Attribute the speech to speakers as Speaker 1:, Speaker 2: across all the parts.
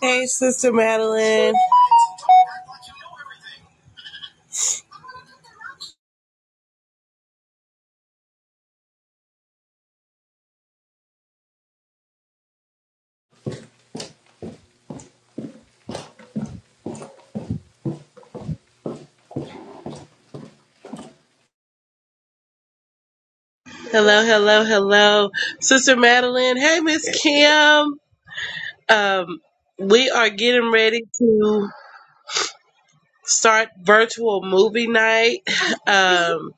Speaker 1: Hey, Sister Madeline. Hello, hello, hello. Sister Madeline. Hey, Miss Kim. Um, we are getting ready to start virtual movie night. Um,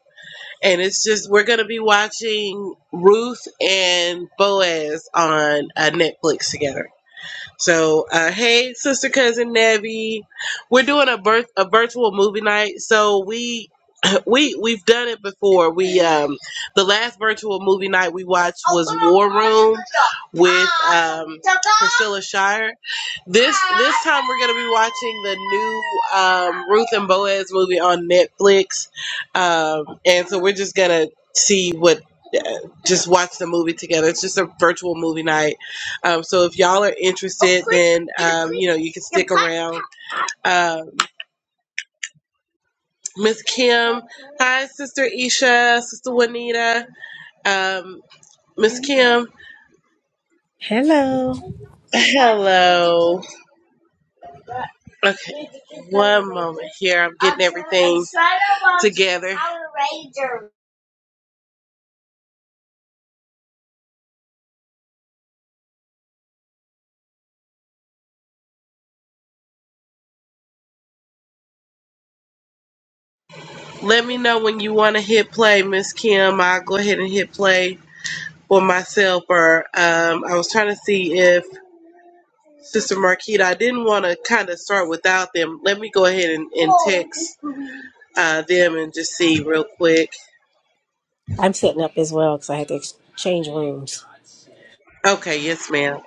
Speaker 1: and it's just, we're going to be watching Ruth and Boaz on uh, Netflix together. So, uh, hey, Sister Cousin Nebby. We're doing a, birth, a virtual movie night. So we We we've done it before. We um the last virtual movie night we watched was War Room with um Priscilla Shire. This this time we're gonna be watching the new um Ruth and Boaz movie on Netflix. Um and so we're just gonna see what uh, just watch the movie together. It's just a virtual movie night. Um, so if y'all are interested, then um, you know you can stick around. Um Miss Kim. Hi, Sister Isha, Sister Juanita. Um, Miss Kim.
Speaker 2: Hello.
Speaker 1: Hello. Okay. One moment here. I'm getting everything together. Let me know when you want to hit play, Miss Kim. I'll go ahead and hit play for myself. Or um, I was trying to see if Sister Marquita. I didn't want to kind of start without them. Let me go ahead and, and text uh, them and just see real quick.
Speaker 2: I'm sitting up as well because I had to ex- change rooms.
Speaker 1: Okay. Yes, ma'am.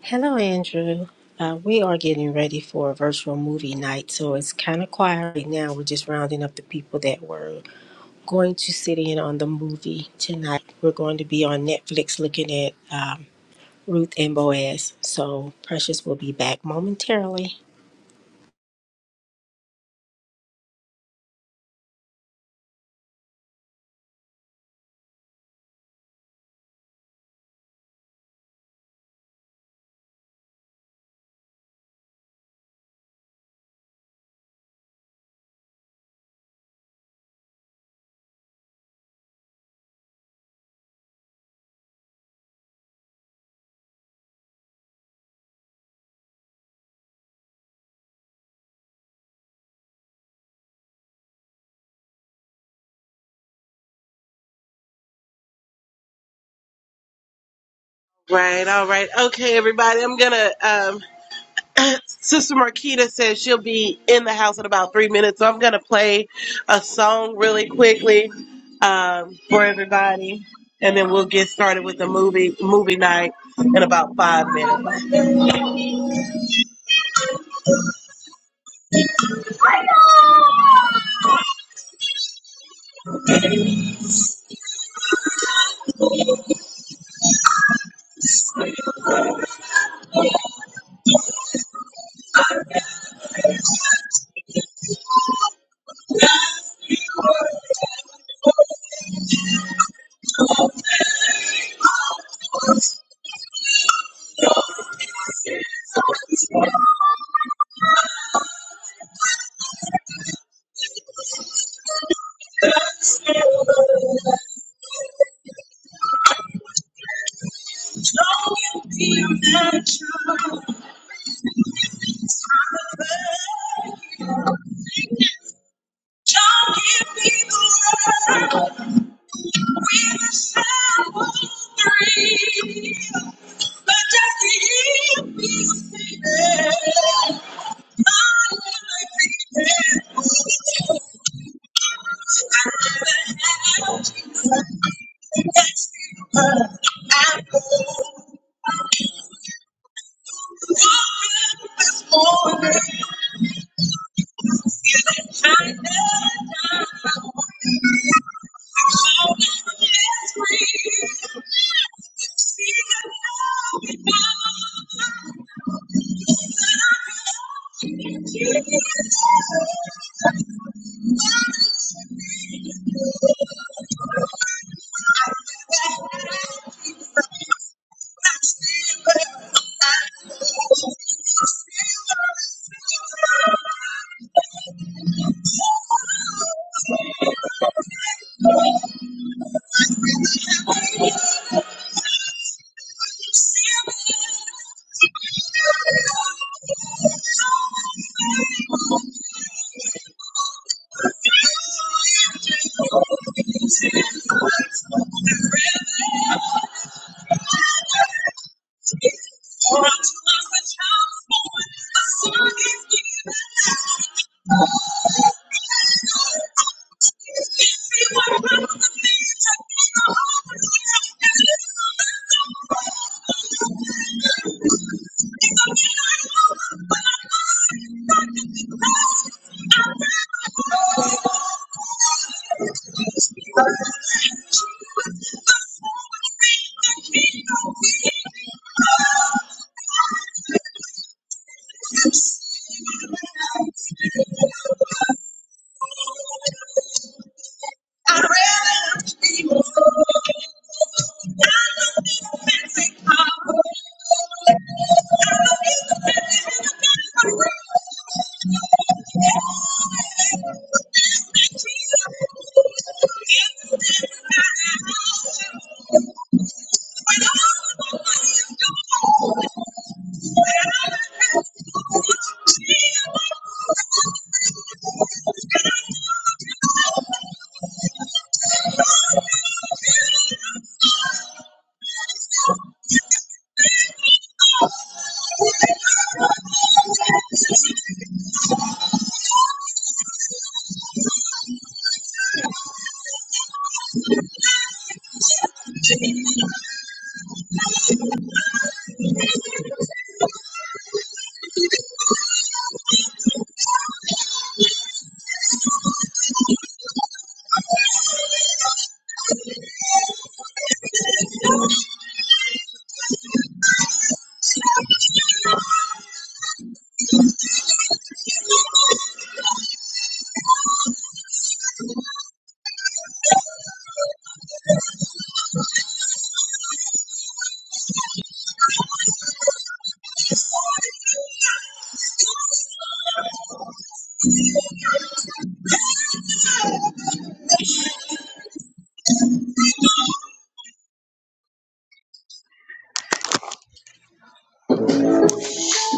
Speaker 2: Hello, Andrew. Uh, we are getting ready for a virtual movie night, so it's kind of quiet right now. We're just rounding up the people that were going to sit in on the movie tonight. We're going to be on Netflix looking at um, Ruth and Boaz, so Precious will be back momentarily.
Speaker 1: Right, all right. Okay, everybody. I'm gonna um Sister Marquita says she'll be in the house in about three minutes, so I'm gonna play a song really quickly um for everybody and then we'll get started with the movie movie night in about five minutes.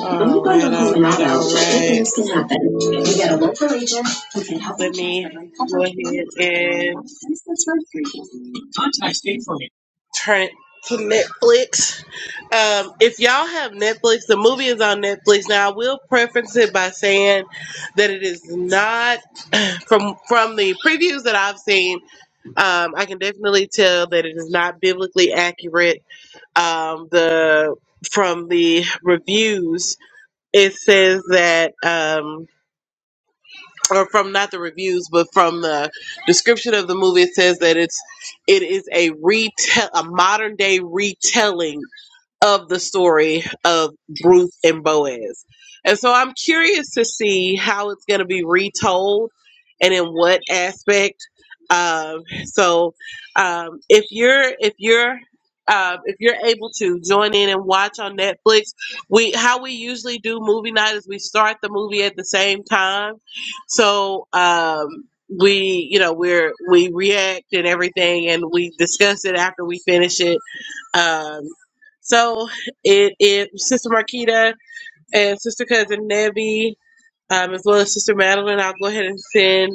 Speaker 1: When Alright, alright. Let me right go ahead and turn it to Netflix. Um, if y'all have Netflix, the movie is on Netflix. Now I will preference it by saying that it is not from from the previews that I've seen. Um, I can definitely tell that it is not biblically accurate. Um, the from the reviews, it says that. Um, or from not the reviews, but from the description of the movie, it says that it's it is a retell a modern day retelling of the story of Ruth and Boaz. And so I'm curious to see how it's going to be retold and in what aspect. Um, so um, if you're if you're um, if you're able to join in and watch on Netflix, we how we usually do movie night is we start the movie at the same time. So um, we you know we're we react and everything and we discuss it after we finish it um, so it, it Sister Marquita and Sister Cousin Nebby, um, as well as Sister Madeline, I'll go ahead and send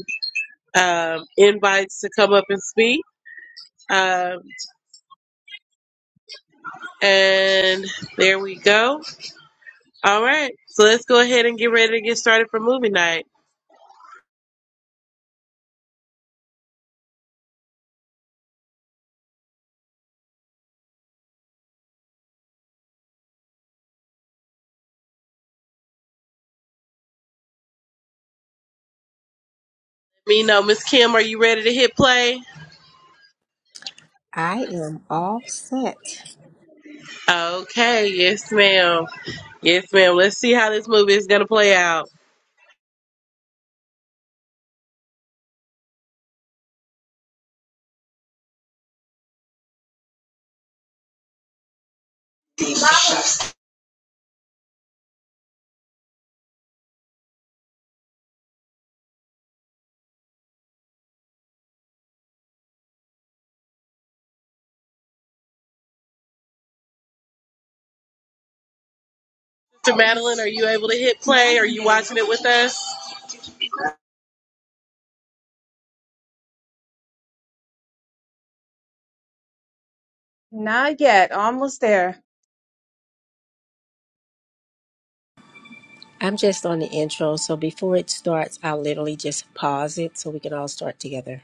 Speaker 1: um, invites to come up and speak. Um, and there we go. All right, so let's go ahead and get ready to get started for movie night. Me know, Miss Kim, are you ready to hit play?
Speaker 2: I am all set.
Speaker 1: Okay, yes, ma'am. Yes, ma'am. Let's see how this movie is gonna play out. Sister Madeline, are you able to hit play? Are you watching it with us?
Speaker 3: Not yet. Almost there.
Speaker 2: I'm just on the intro, so before it starts, I'll literally just pause it so we can all start together.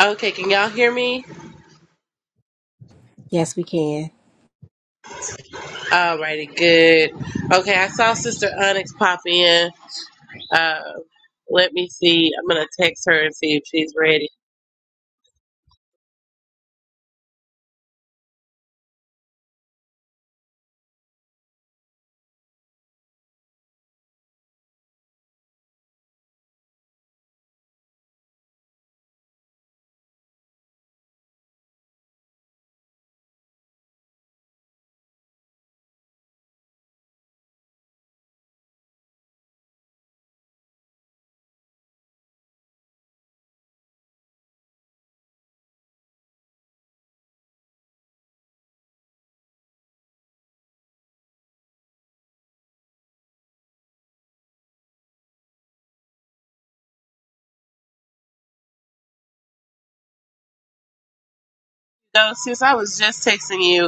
Speaker 1: Okay, can y'all hear me?
Speaker 2: Yes, we can.
Speaker 1: Alrighty, good. Okay, I saw Sister Onyx pop in. Uh, let me see. I'm gonna text her and see if she's ready. No, sis, I was just texting you.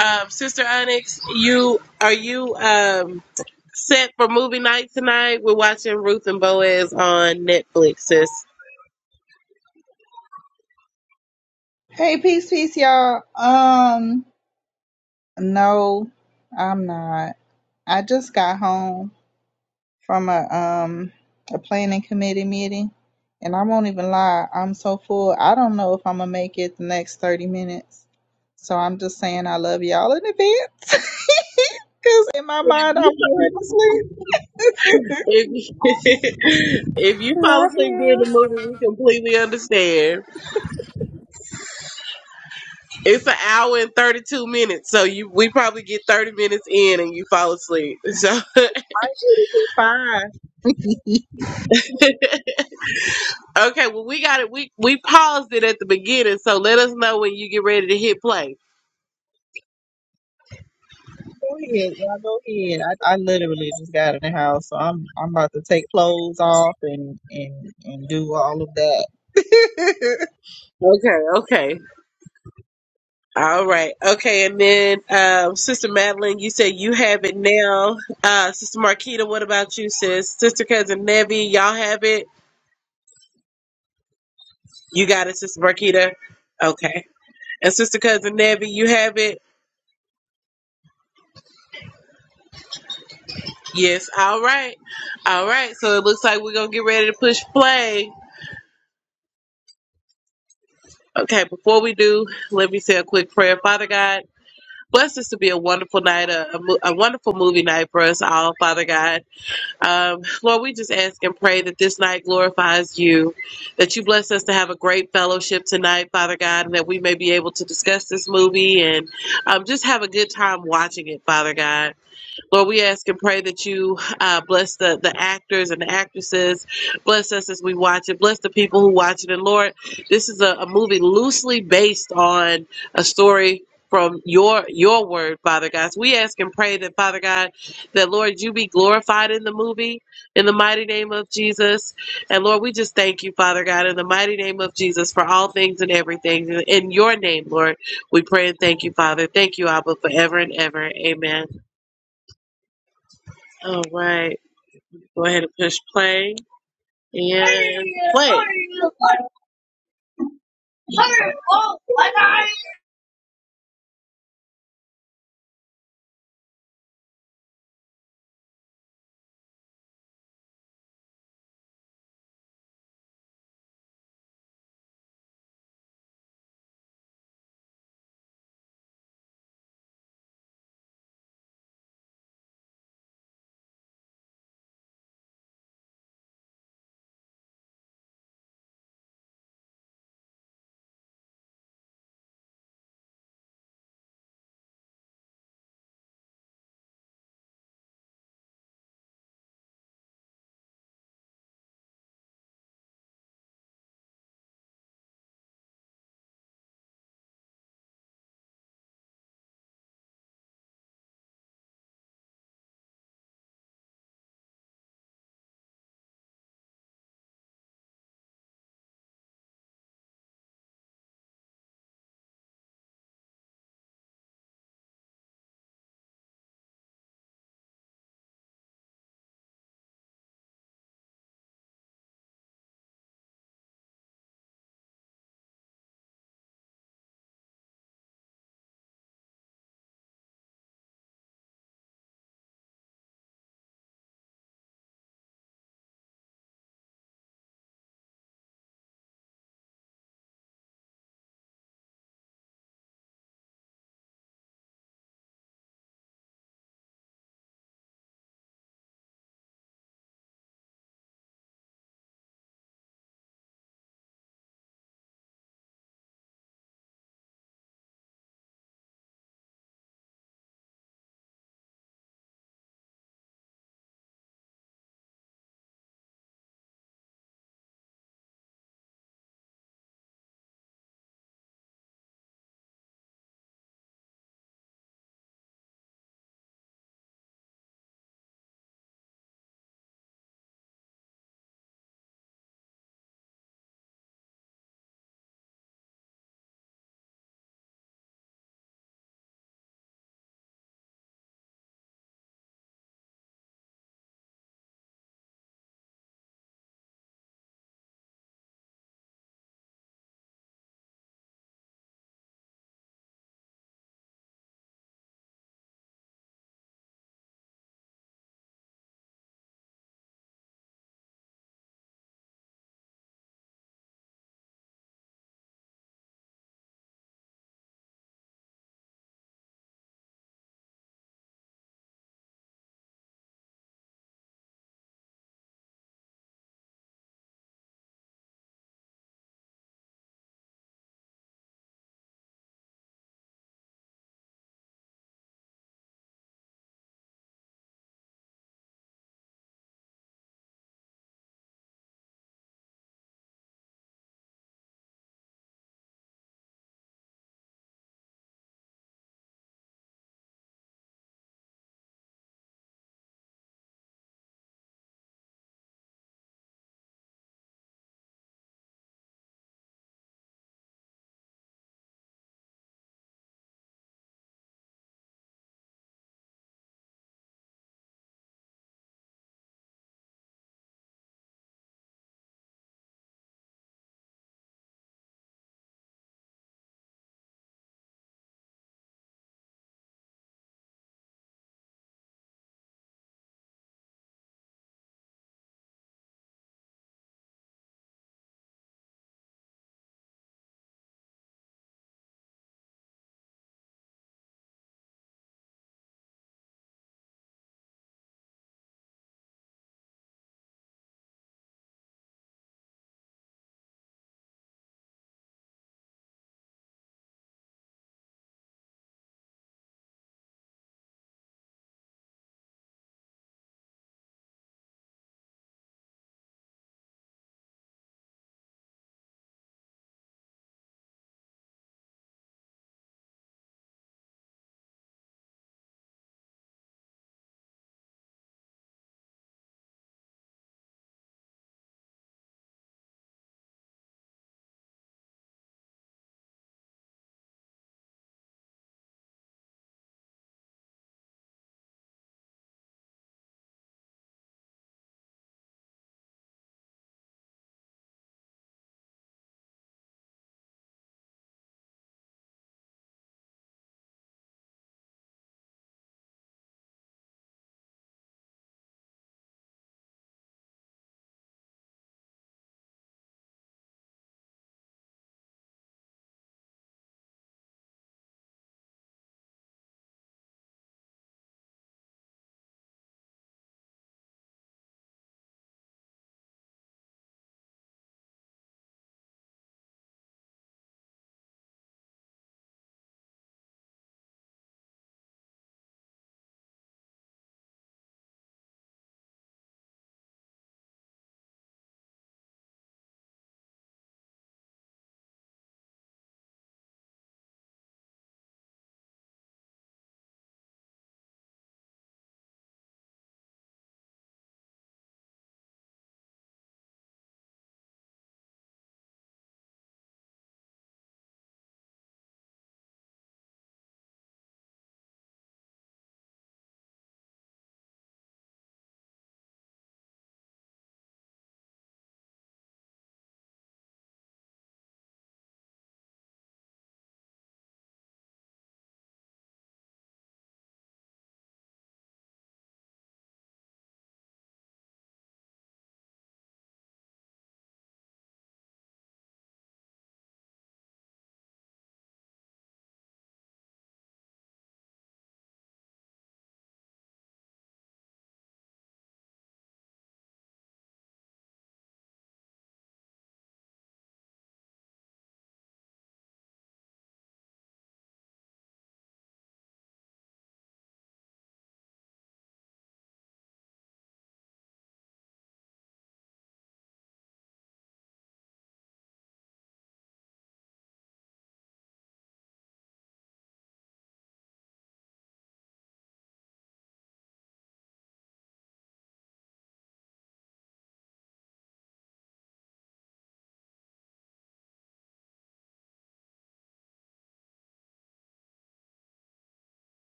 Speaker 1: Um, Sister Onyx, you are you um set for movie night tonight? We're watching Ruth and Boaz on Netflix, sis.
Speaker 4: Hey, peace, peace, y'all. Um, no, I'm not. I just got home from a um a planning committee meeting, and I won't even lie. I'm so full. I don't know if I'm gonna make it the next thirty minutes. So I'm just saying I love y'all in advance, cause in my
Speaker 1: If
Speaker 4: mind I'm
Speaker 1: you
Speaker 4: going to
Speaker 1: if, if you fall asleep during the movie, we completely understand. It's an hour and thirty-two minutes, so you we probably get thirty minutes in and you fall asleep. So
Speaker 4: sleep. Bye.
Speaker 1: okay, well we got it. We we paused it at the beginning, so let us know when you get ready to hit play.
Speaker 4: Go ahead, y'all. Go ahead. I, I literally just got in the house, so I'm I'm about to take clothes off and and and do all of that.
Speaker 1: Okay, okay, all right, okay. And then um, Sister Madeline, you said you have it now. Uh, Sister Marquita, what about you, sis? Sister cousin Nevi, y'all have it. You got it, Sister Marquita. Okay, and Sister cousin Nevi, you have it. Yes, all right. All right. So it looks like we're going to get ready to push play. Okay, before we do, let me say a quick prayer. Father God, bless this to be a wonderful night, a, a, mo- a wonderful movie night for us all, Father God. Um, Lord, we just ask and pray that this night glorifies you, that you bless us to have a great fellowship tonight, Father God, and that we may be able to discuss this movie and um, just have a good time watching it, Father God. Lord, we ask and pray that you uh, bless the, the actors and the actresses. Bless us as we watch it. Bless the people who watch it. And Lord, this is a, a movie loosely based on a story from your your word, Father God. So we ask and pray that, Father God, that Lord, you be glorified in the movie in the mighty name of Jesus. And Lord, we just thank you, Father God, in the mighty name of Jesus for all things and everything. In your name, Lord, we pray and thank you, Father. Thank you, Abba, forever and ever. Amen. All right. Go ahead and push play and play.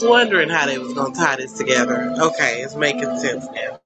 Speaker 1: Wondering how they was gonna tie this together. Okay, it's making sense now.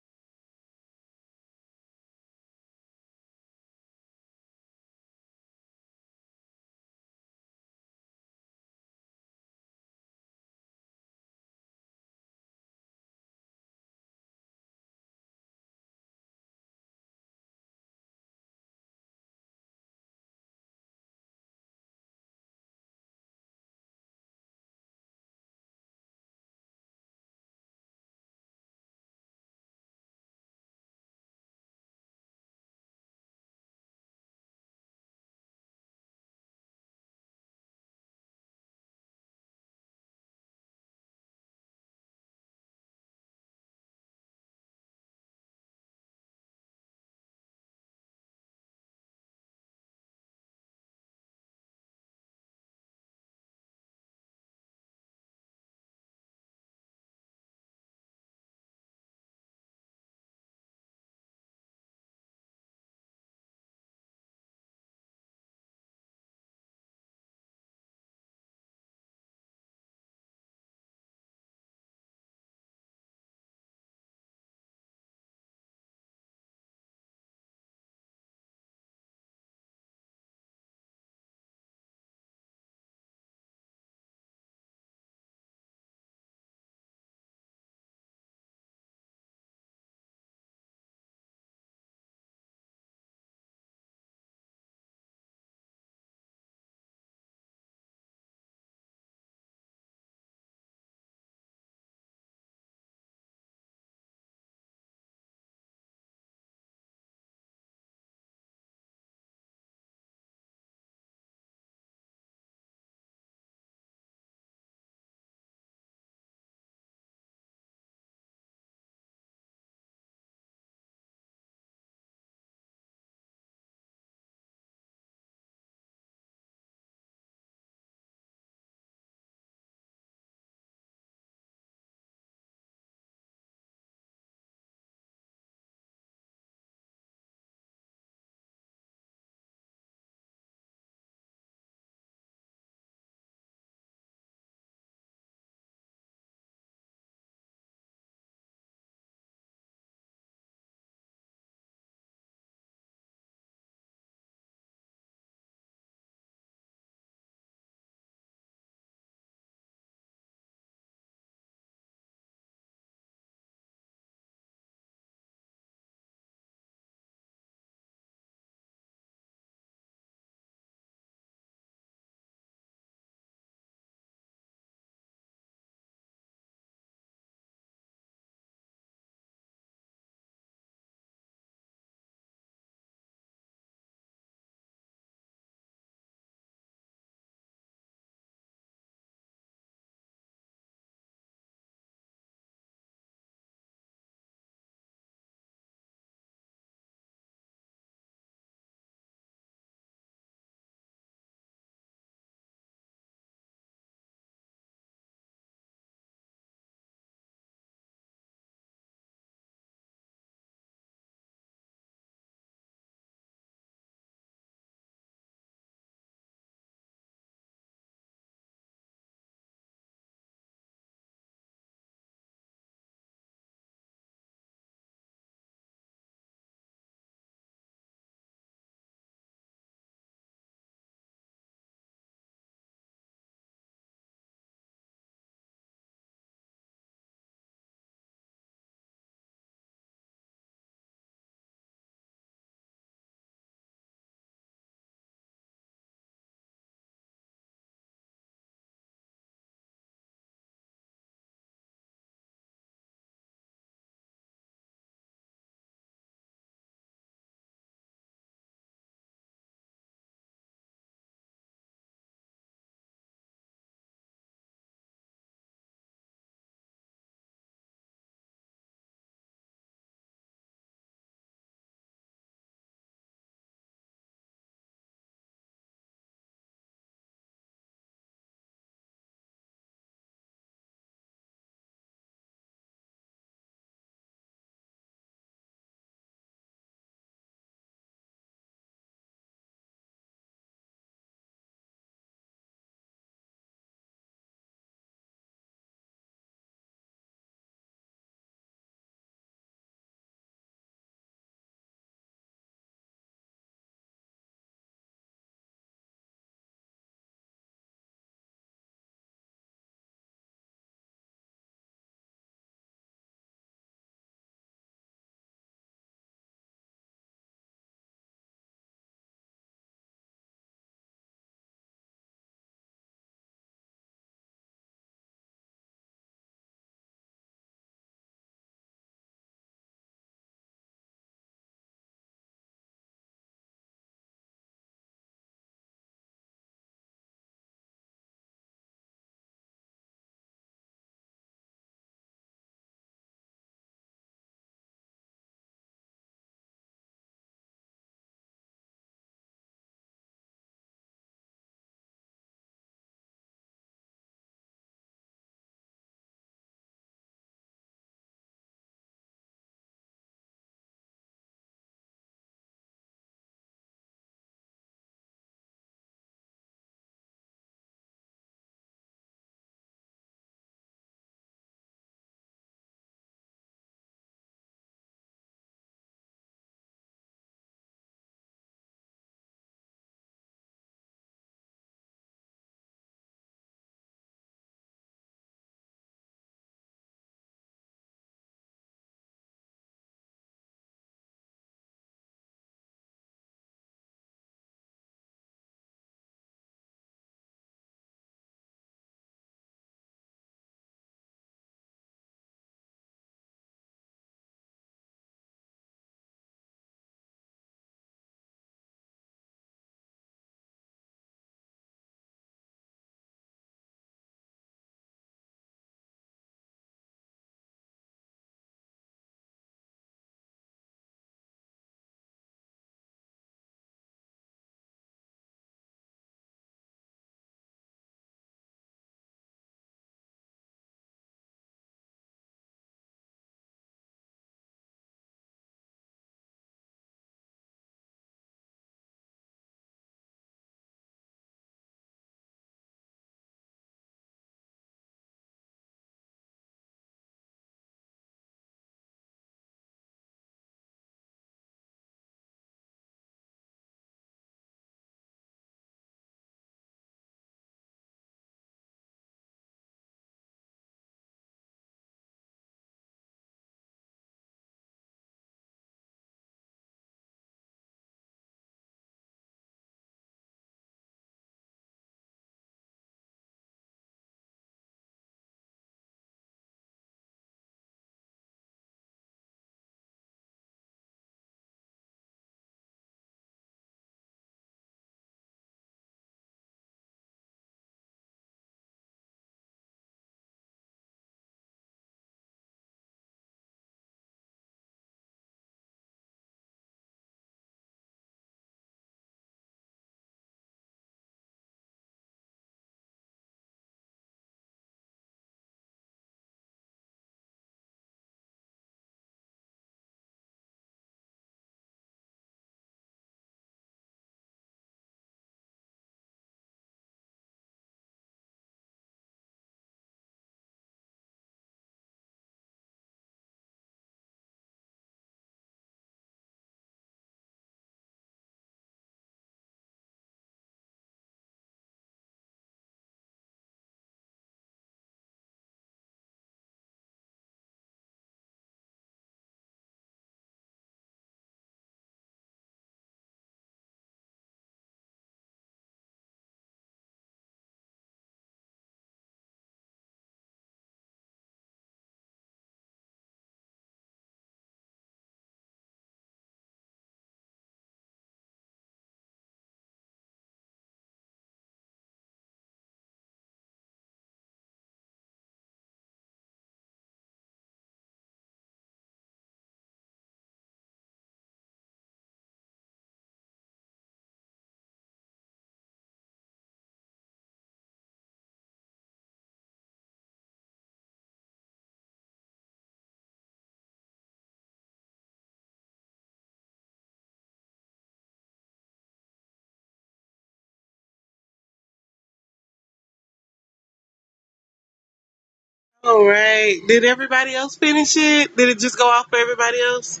Speaker 1: All right. Did everybody else finish it? Did it just go off for everybody else?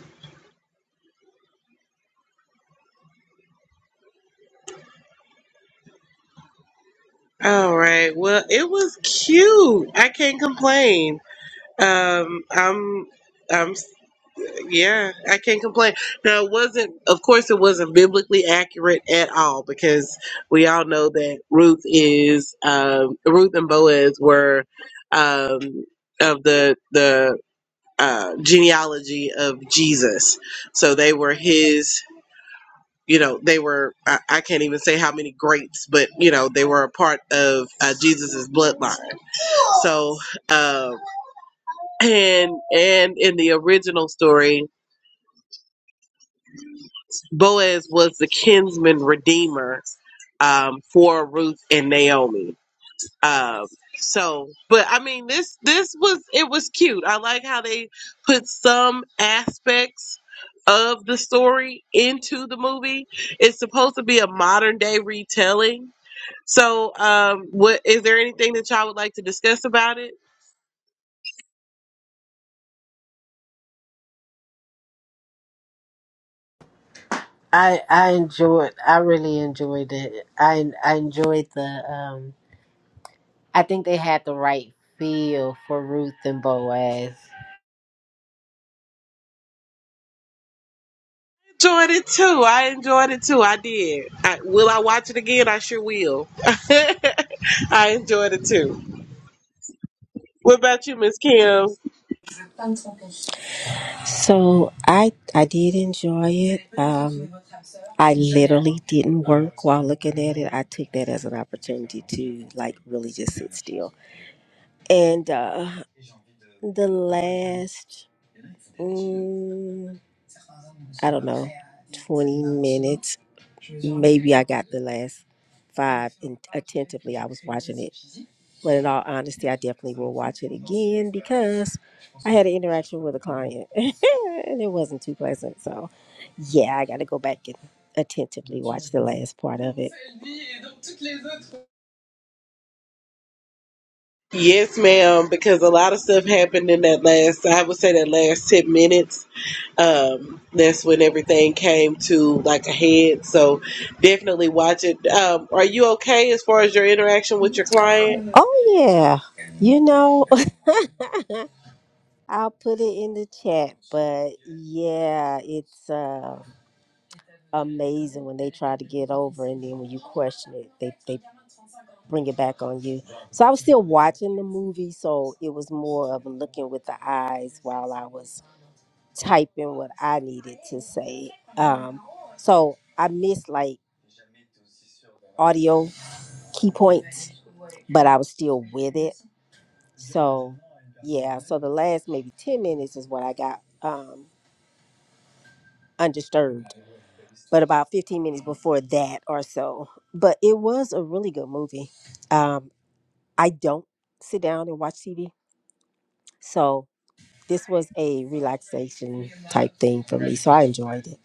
Speaker 1: All right. Well, it was cute. I can't complain. Um, I'm I'm Yeah, I can't complain. Now, it wasn't, of course, it wasn't biblically accurate at all because we all know that Ruth is, um, Ruth and Boaz were um, of the the uh, genealogy of Jesus, so they were his. You know, they were, I, I can't even say how many greats, but, you know, they were a part of uh, Jesus's bloodline. So, um, and, and in the original story, Boaz was the kinsman redeemer um, for Ruth and Naomi. Um, so, but I mean, this this was it was cute. I like how they put some aspects of the story into the movie. It's supposed to be a modern day retelling. So, um, what is there anything that y'all would like to discuss about it?
Speaker 5: I I enjoyed. I really enjoyed it. I I enjoyed the. Um, I think they had the right feel for Ruth and Boaz.
Speaker 1: Enjoyed it too. I enjoyed it too. I did. I, will I watch it again? I sure will. I enjoyed it too. What about you, Miss Kim?
Speaker 2: So I I did enjoy it. Um, I literally didn't work while looking at it. I took that as an opportunity to like really just sit still. And uh, the last, mm, I don't know, twenty minutes. Maybe I got the last five in, attentively. I was watching it But in all honesty, I definitely will watch it again because I had an interaction with a client and it wasn't too pleasant. So, yeah, I got to go back and attentively watch the last part of it.
Speaker 1: Yes, ma'am, because a lot of stuff happened in that last, I would say that last 10 minutes. Um, that's when everything came to like a head. So definitely watch it. Um, are you okay as far as your interaction with your client?
Speaker 2: Oh, yeah. You know, I'll put it in the chat, but yeah, it's. Uh, amazing when they try to get over and then when you question it they, they bring it back on you so i was still watching the movie so it was more of looking with the eyes while i was typing what i needed to say um, so i missed like audio key points but i was still with it so yeah so the last maybe 10 minutes is what i got um, undisturbed but about 15 minutes before that or so. But it was a really good movie. Um, I don't sit down and watch TV, so this was a relaxation type thing for me. So I enjoyed it.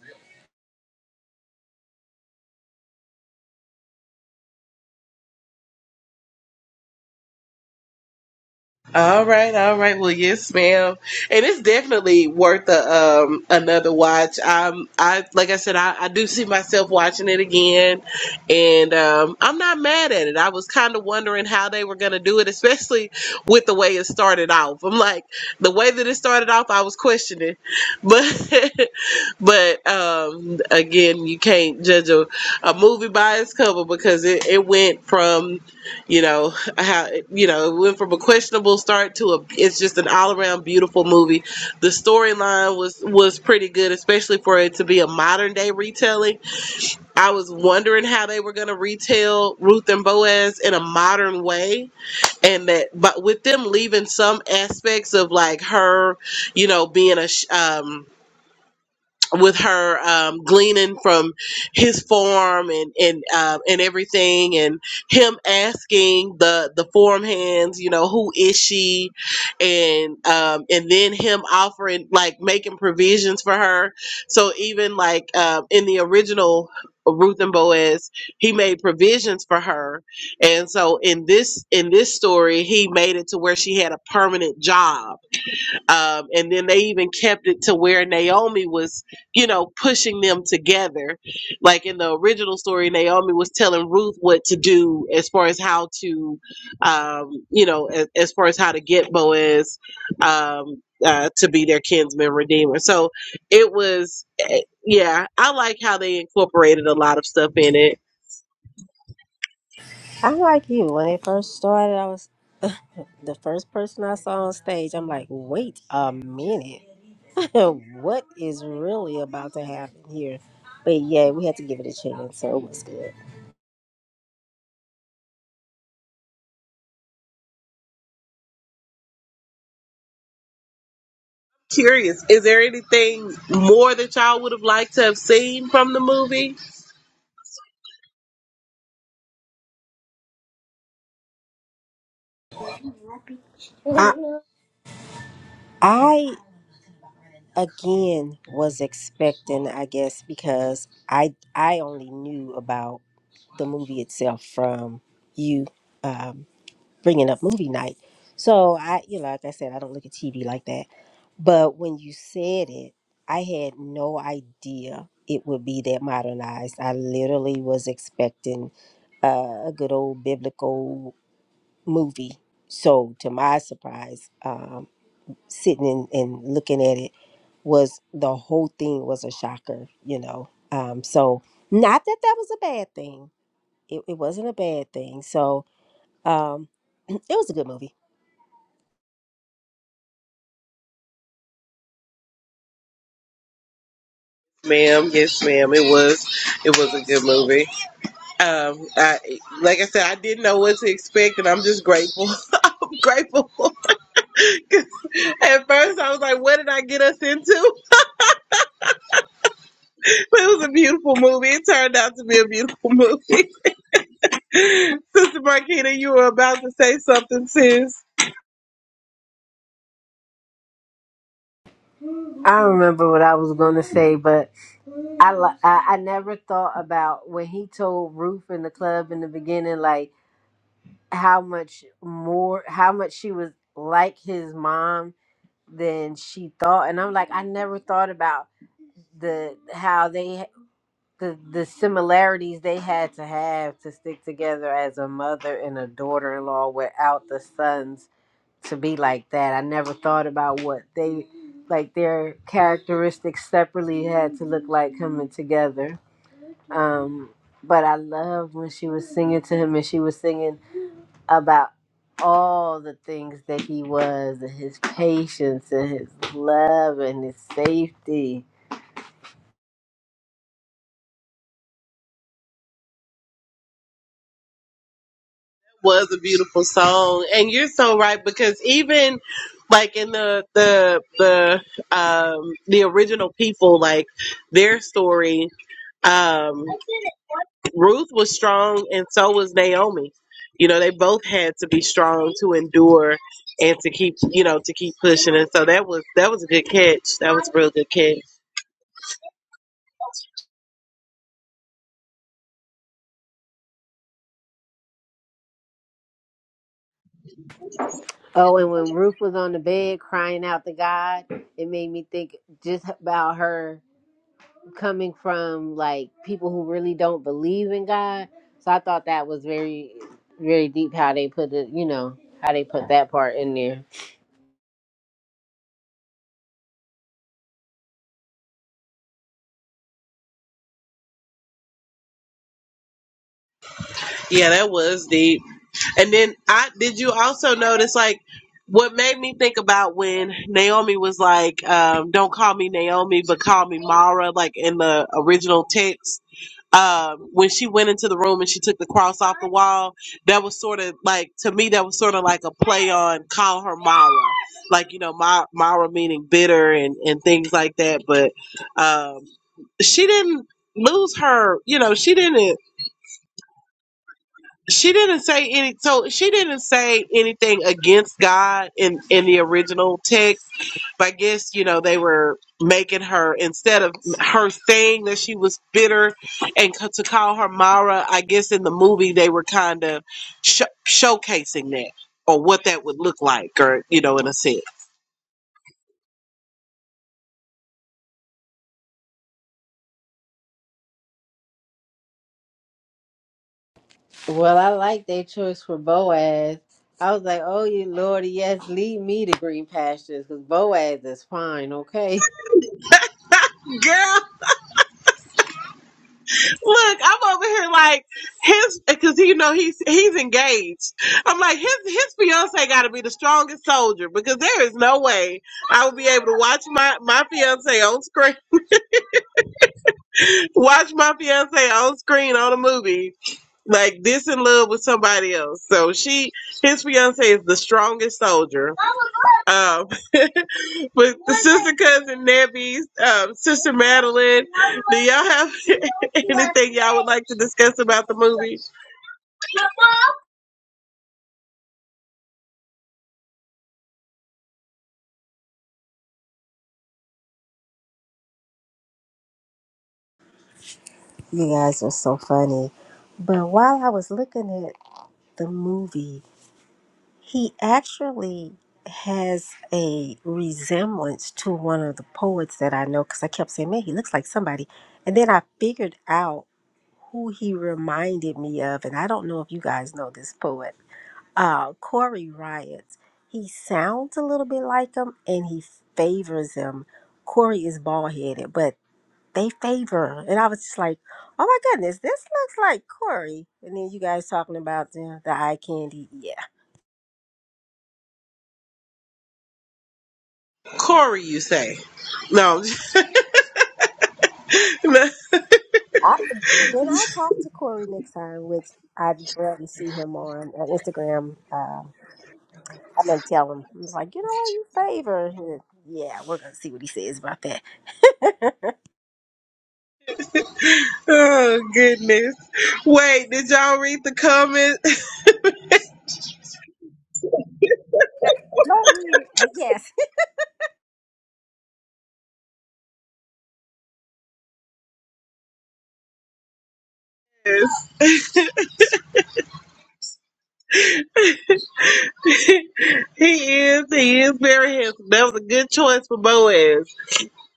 Speaker 1: All right, all right. Well, yes, ma'am. And it's definitely worth a, um, another watch. Um, I like I said, I, I do see myself watching it again, and um, I'm not mad at it. I was kind of wondering how they were going to do it, especially with the way it started off. I'm like, the way that it started off, I was questioning, but but um, again, you can't judge a, a movie by its cover because it, it went from you know how you know it went from a questionable start to a it's just an all-around beautiful movie the storyline was was pretty good especially for it to be a modern day retelling i was wondering how they were going to retell ruth and boaz in a modern way and that but with them leaving some aspects of like her you know being a sh- um with her um, gleaning from his farm and and um, and everything, and him asking the the farm hands, you know, who is she, and um, and then him offering like making provisions for her. So even like um, in the original Ruth and Boaz, he made provisions for her, and so in this in this story, he made it to where she had a permanent job um, and then they even kept it to where Naomi was, you know, pushing them together. Like in the original story, Naomi was telling Ruth what to do as far as how to, um, you know, as, as far as how to get Boaz um, uh, to be their kinsman redeemer. So it was, eh, yeah, I like how they incorporated a lot of stuff in it
Speaker 2: I'm like you. When it first started, I was the first person I saw on stage. I'm like, wait a minute, what is really about to happen here? But yeah, we had to give it a chance, so it was good.
Speaker 1: Curious, is there anything more that y'all would have liked to have seen from the movie?
Speaker 5: I
Speaker 2: I again was expecting i guess because i i only knew about the movie itself from you um bringing up movie night so i you know like i said i don't look at tv like that but when you said it i had no idea it would be that modernized i literally was expecting uh, a good old biblical movie so to my surprise um, sitting and, and looking at it was the whole thing was a shocker, you know. Um, so not that that was a bad thing. It, it wasn't a bad thing. So um, it was a good movie.
Speaker 1: Ma'am, yes, ma'am. It was, it was a good movie. Um, I, like I said, I didn't know what to expect, and I'm just grateful, grateful. 'Cause at first, I was like, "What did I get us into?" But it was a beautiful movie. It turned out to be a beautiful movie. Sister Marquita, you were about to say something, sis. It
Speaker 5: I remember what I was gonna say, but I li- I, I never thought about when he told Ruth in the club in the beginning, like how much more, how much she was like his mom than she thought, and I'm like, I never thought about the how they the the similarities they had to have to stick together as a mother and a daughter-in-law without the sons to be like that. I never thought about what they like their characteristics separately had to look like coming together. Um but I love when she was singing to him and she was singing about all the things that he was and his patience and his love and his safety
Speaker 1: Was a beautiful song, and you're so right because even like in the the the um the original people, like their story, um, Ruth was strong, and so was Naomi. You know, they both had to be strong to endure and to keep, you know, to keep pushing. And so that was that was a good catch. That was a real good catch.
Speaker 5: Oh, and when Ruth was on the bed crying out to God, it made me think just about her coming from like people who really don't believe in God. So I thought that was very, very deep how they put it, you know, how they put that part in there.
Speaker 1: Yeah, that was deep. And then I did you also notice like what made me think about when Naomi was like, um, don't call me Naomi, but call me Mara, like in the original text. Um, when she went into the room and she took the cross off the wall, that was sort of like to me that was sort of like a play on call her Mara. Like, you know, Ma- Mara meaning bitter and, and things like that. But um she didn't lose her you know, she didn't she didn't say any. So she didn't say anything against God in in the original text. But I guess you know they were making her instead of her saying that she was bitter and c- to call her Mara. I guess in the movie they were kind of sh- showcasing that or what that would look like, or you know, in a sense.
Speaker 5: Well, I like their choice for Boaz. I was like, oh, you Lord, yes, lead me to green pastures because Boaz is fine,
Speaker 1: Girl. Look, I'm over here like his because you know he's he's engaged. I'm like his his fiance got to be the strongest soldier because there is no way I would be able to watch my my fiance on screen, watch my fiance on screen on a movie like this in love with somebody else. So she his fiance is the strongest soldier. Um, but the sister cousin Nebby's um, sister Madeline, do y'all have anything y'all would like to discuss about the movie?
Speaker 2: You guys are so funny. But while I was looking at the movie, he actually has a resemblance to one of the poets that I know because I kept saying, man, he looks like somebody. And then I figured out who he reminded me of. And I don't know if you guys know this poet uh, Corey riots. He sounds a little bit like him, and he favors him. Corey is bald headed, but they favor. And I was just like, oh my goodness, this looks like Corey. And then you guys talking about the, the eye candy. Yeah.
Speaker 1: Corey, you say? No.
Speaker 2: I, when I talk to Corey next time, which I'd rather see him on uh, Instagram, uh, I'm going to tell him, I'm like, you know what, you favor. Yeah, we're going to see what he says about that.
Speaker 1: oh goodness. Wait, did y'all read the comments?
Speaker 2: Don't read it, but yes.
Speaker 1: Yes. he is. He is very handsome. That was a good choice for Boaz.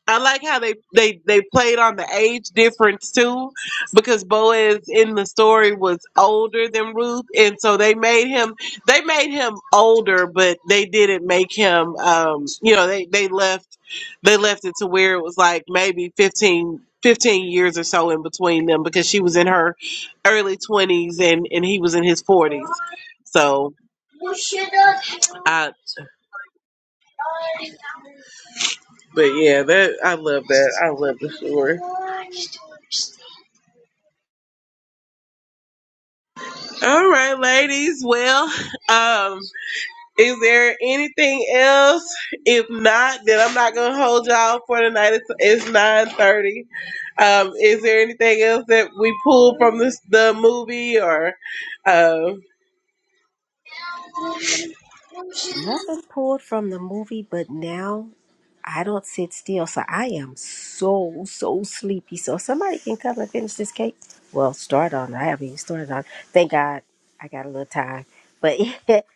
Speaker 1: I like how they they they played on the age difference too, because Boaz in the story was older than Ruth, and so they made him they made him older, but they didn't make him um you know they they left they left it to where it was like maybe 15 15 years or so in between them because she was in her early twenties and and he was in his forties, so I but yeah, that I love that. I love the story. All right, ladies. Well, um, is there anything else? If not, then I'm not gonna hold y'all for tonight. It's, it's nine thirty. Um, is there anything else that we pulled from this the movie or? Um,
Speaker 2: Nothing pulled from the movie, but now I don't sit still. So I am so, so sleepy. So if somebody can come and finish this cake. Well, start on. I haven't even started on. Thank God I got a little time. But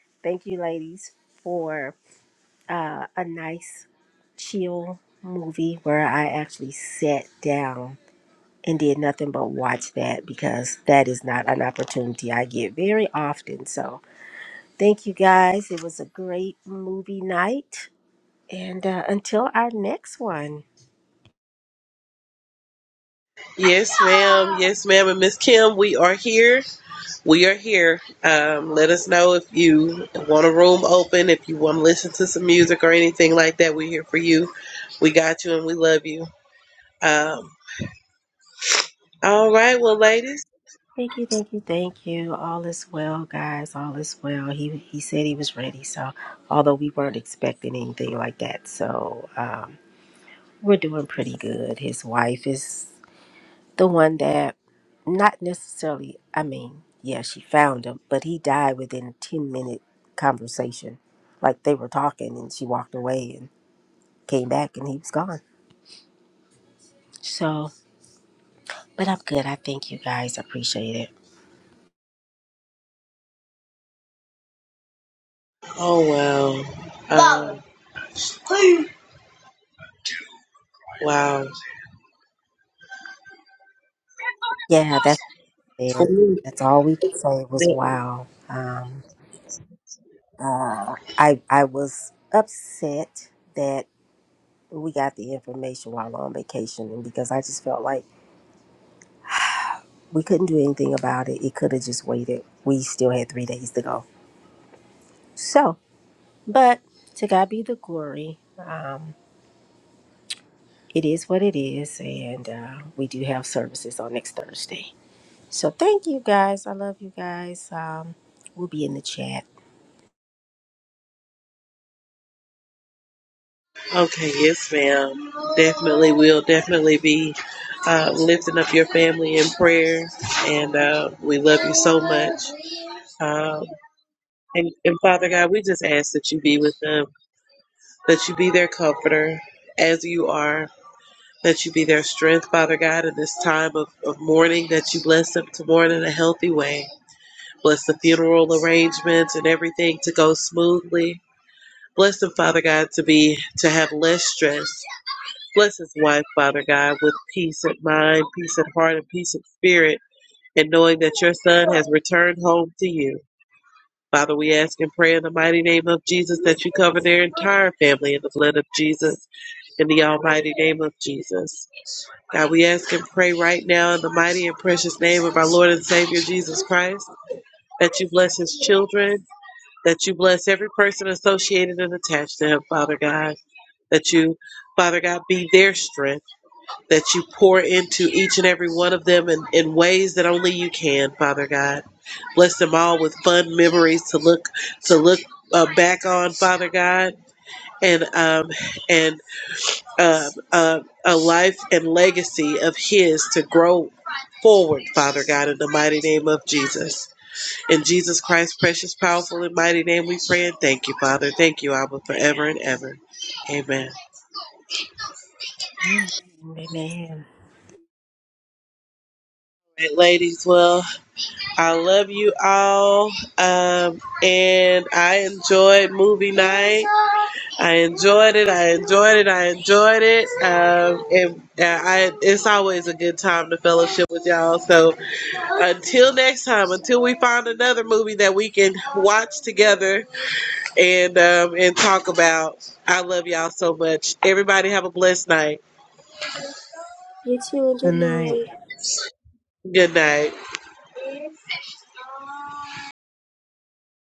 Speaker 2: thank you, ladies, for uh, a nice, chill movie where I actually sat down and did nothing but watch that because that is not an opportunity I get very often. So thank you guys. It was a great movie night and uh, until our next one,
Speaker 1: yes, ma'am. Yes, ma'am. And Miss Kim, we are here. We are here. Um, let us know if you want a room open, if you want to listen to some music or anything like that. We're here for you. We got you and we love you. Um, all right, well, ladies.
Speaker 2: thank you, thank you, thank you. All is well, guys. All is well. He he said he was ready. So, although we weren't expecting anything like that, so um, we're doing pretty good. His wife is the one that, not necessarily. I mean, yeah, she found him, but he died within a ten minute conversation. Like they were talking, and she walked away and came back, and he was gone. So, but I'm good. I thank you guys. I appreciate it.
Speaker 1: Oh, wow. Um, wow.
Speaker 2: Yeah, that's. there. That's all we could say was wow. Um, uh, I I was upset that we got the information while on vacation, and because I just felt like we couldn't do anything about it. It could have just waited. We still had three days to go. So, but to God be the glory. Um, it is what it is, and uh, we do have services on next Thursday. So thank you guys. I love you guys. Um, we'll be in the chat.
Speaker 1: Okay, yes, ma'am. Definitely, we'll definitely be uh, lifting up your family in prayer, and uh, we love you so much. Um, and, and Father God, we just ask that you be with them. that you be their comforter as you are, that you be their strength, Father God, in this time of, of mourning, that you bless them to mourn in a healthy way. Bless the funeral arrangements and everything to go smoothly. Bless them, Father God, to be to have less stress. Bless his wife, Father God, with peace at mind, peace at heart, and peace of spirit, and knowing that your son has returned home to you. Father, we ask and pray in the mighty name of Jesus that you cover their entire family in the blood of Jesus, in the almighty name of Jesus. God, we ask and pray right now in the mighty and precious name of our Lord and Savior Jesus Christ that you bless his children, that you bless every person associated and attached to him, Father God, that you, Father God, be their strength that you pour into each and every one of them in, in ways that only you can, Father God. Bless them all with fun memories to look to look uh, back on, Father God, and um, and uh, uh, a life and legacy of His to grow forward, Father God, in the mighty name of Jesus. In Jesus Christ's precious, powerful, and mighty name, we pray and thank you, Father. Thank you, Abba, forever and ever. Amen. All
Speaker 2: Amen.
Speaker 1: right, ladies, well. I love you all. Um, and I enjoyed movie night. I enjoyed it. I enjoyed it. I enjoyed it. Um, and uh, I, it's always a good time to fellowship with y'all. So until next time, until we find another movie that we can watch together and um, and talk about. I love y'all so much. Everybody have a blessed night.
Speaker 2: You too, and good night.
Speaker 1: Good night.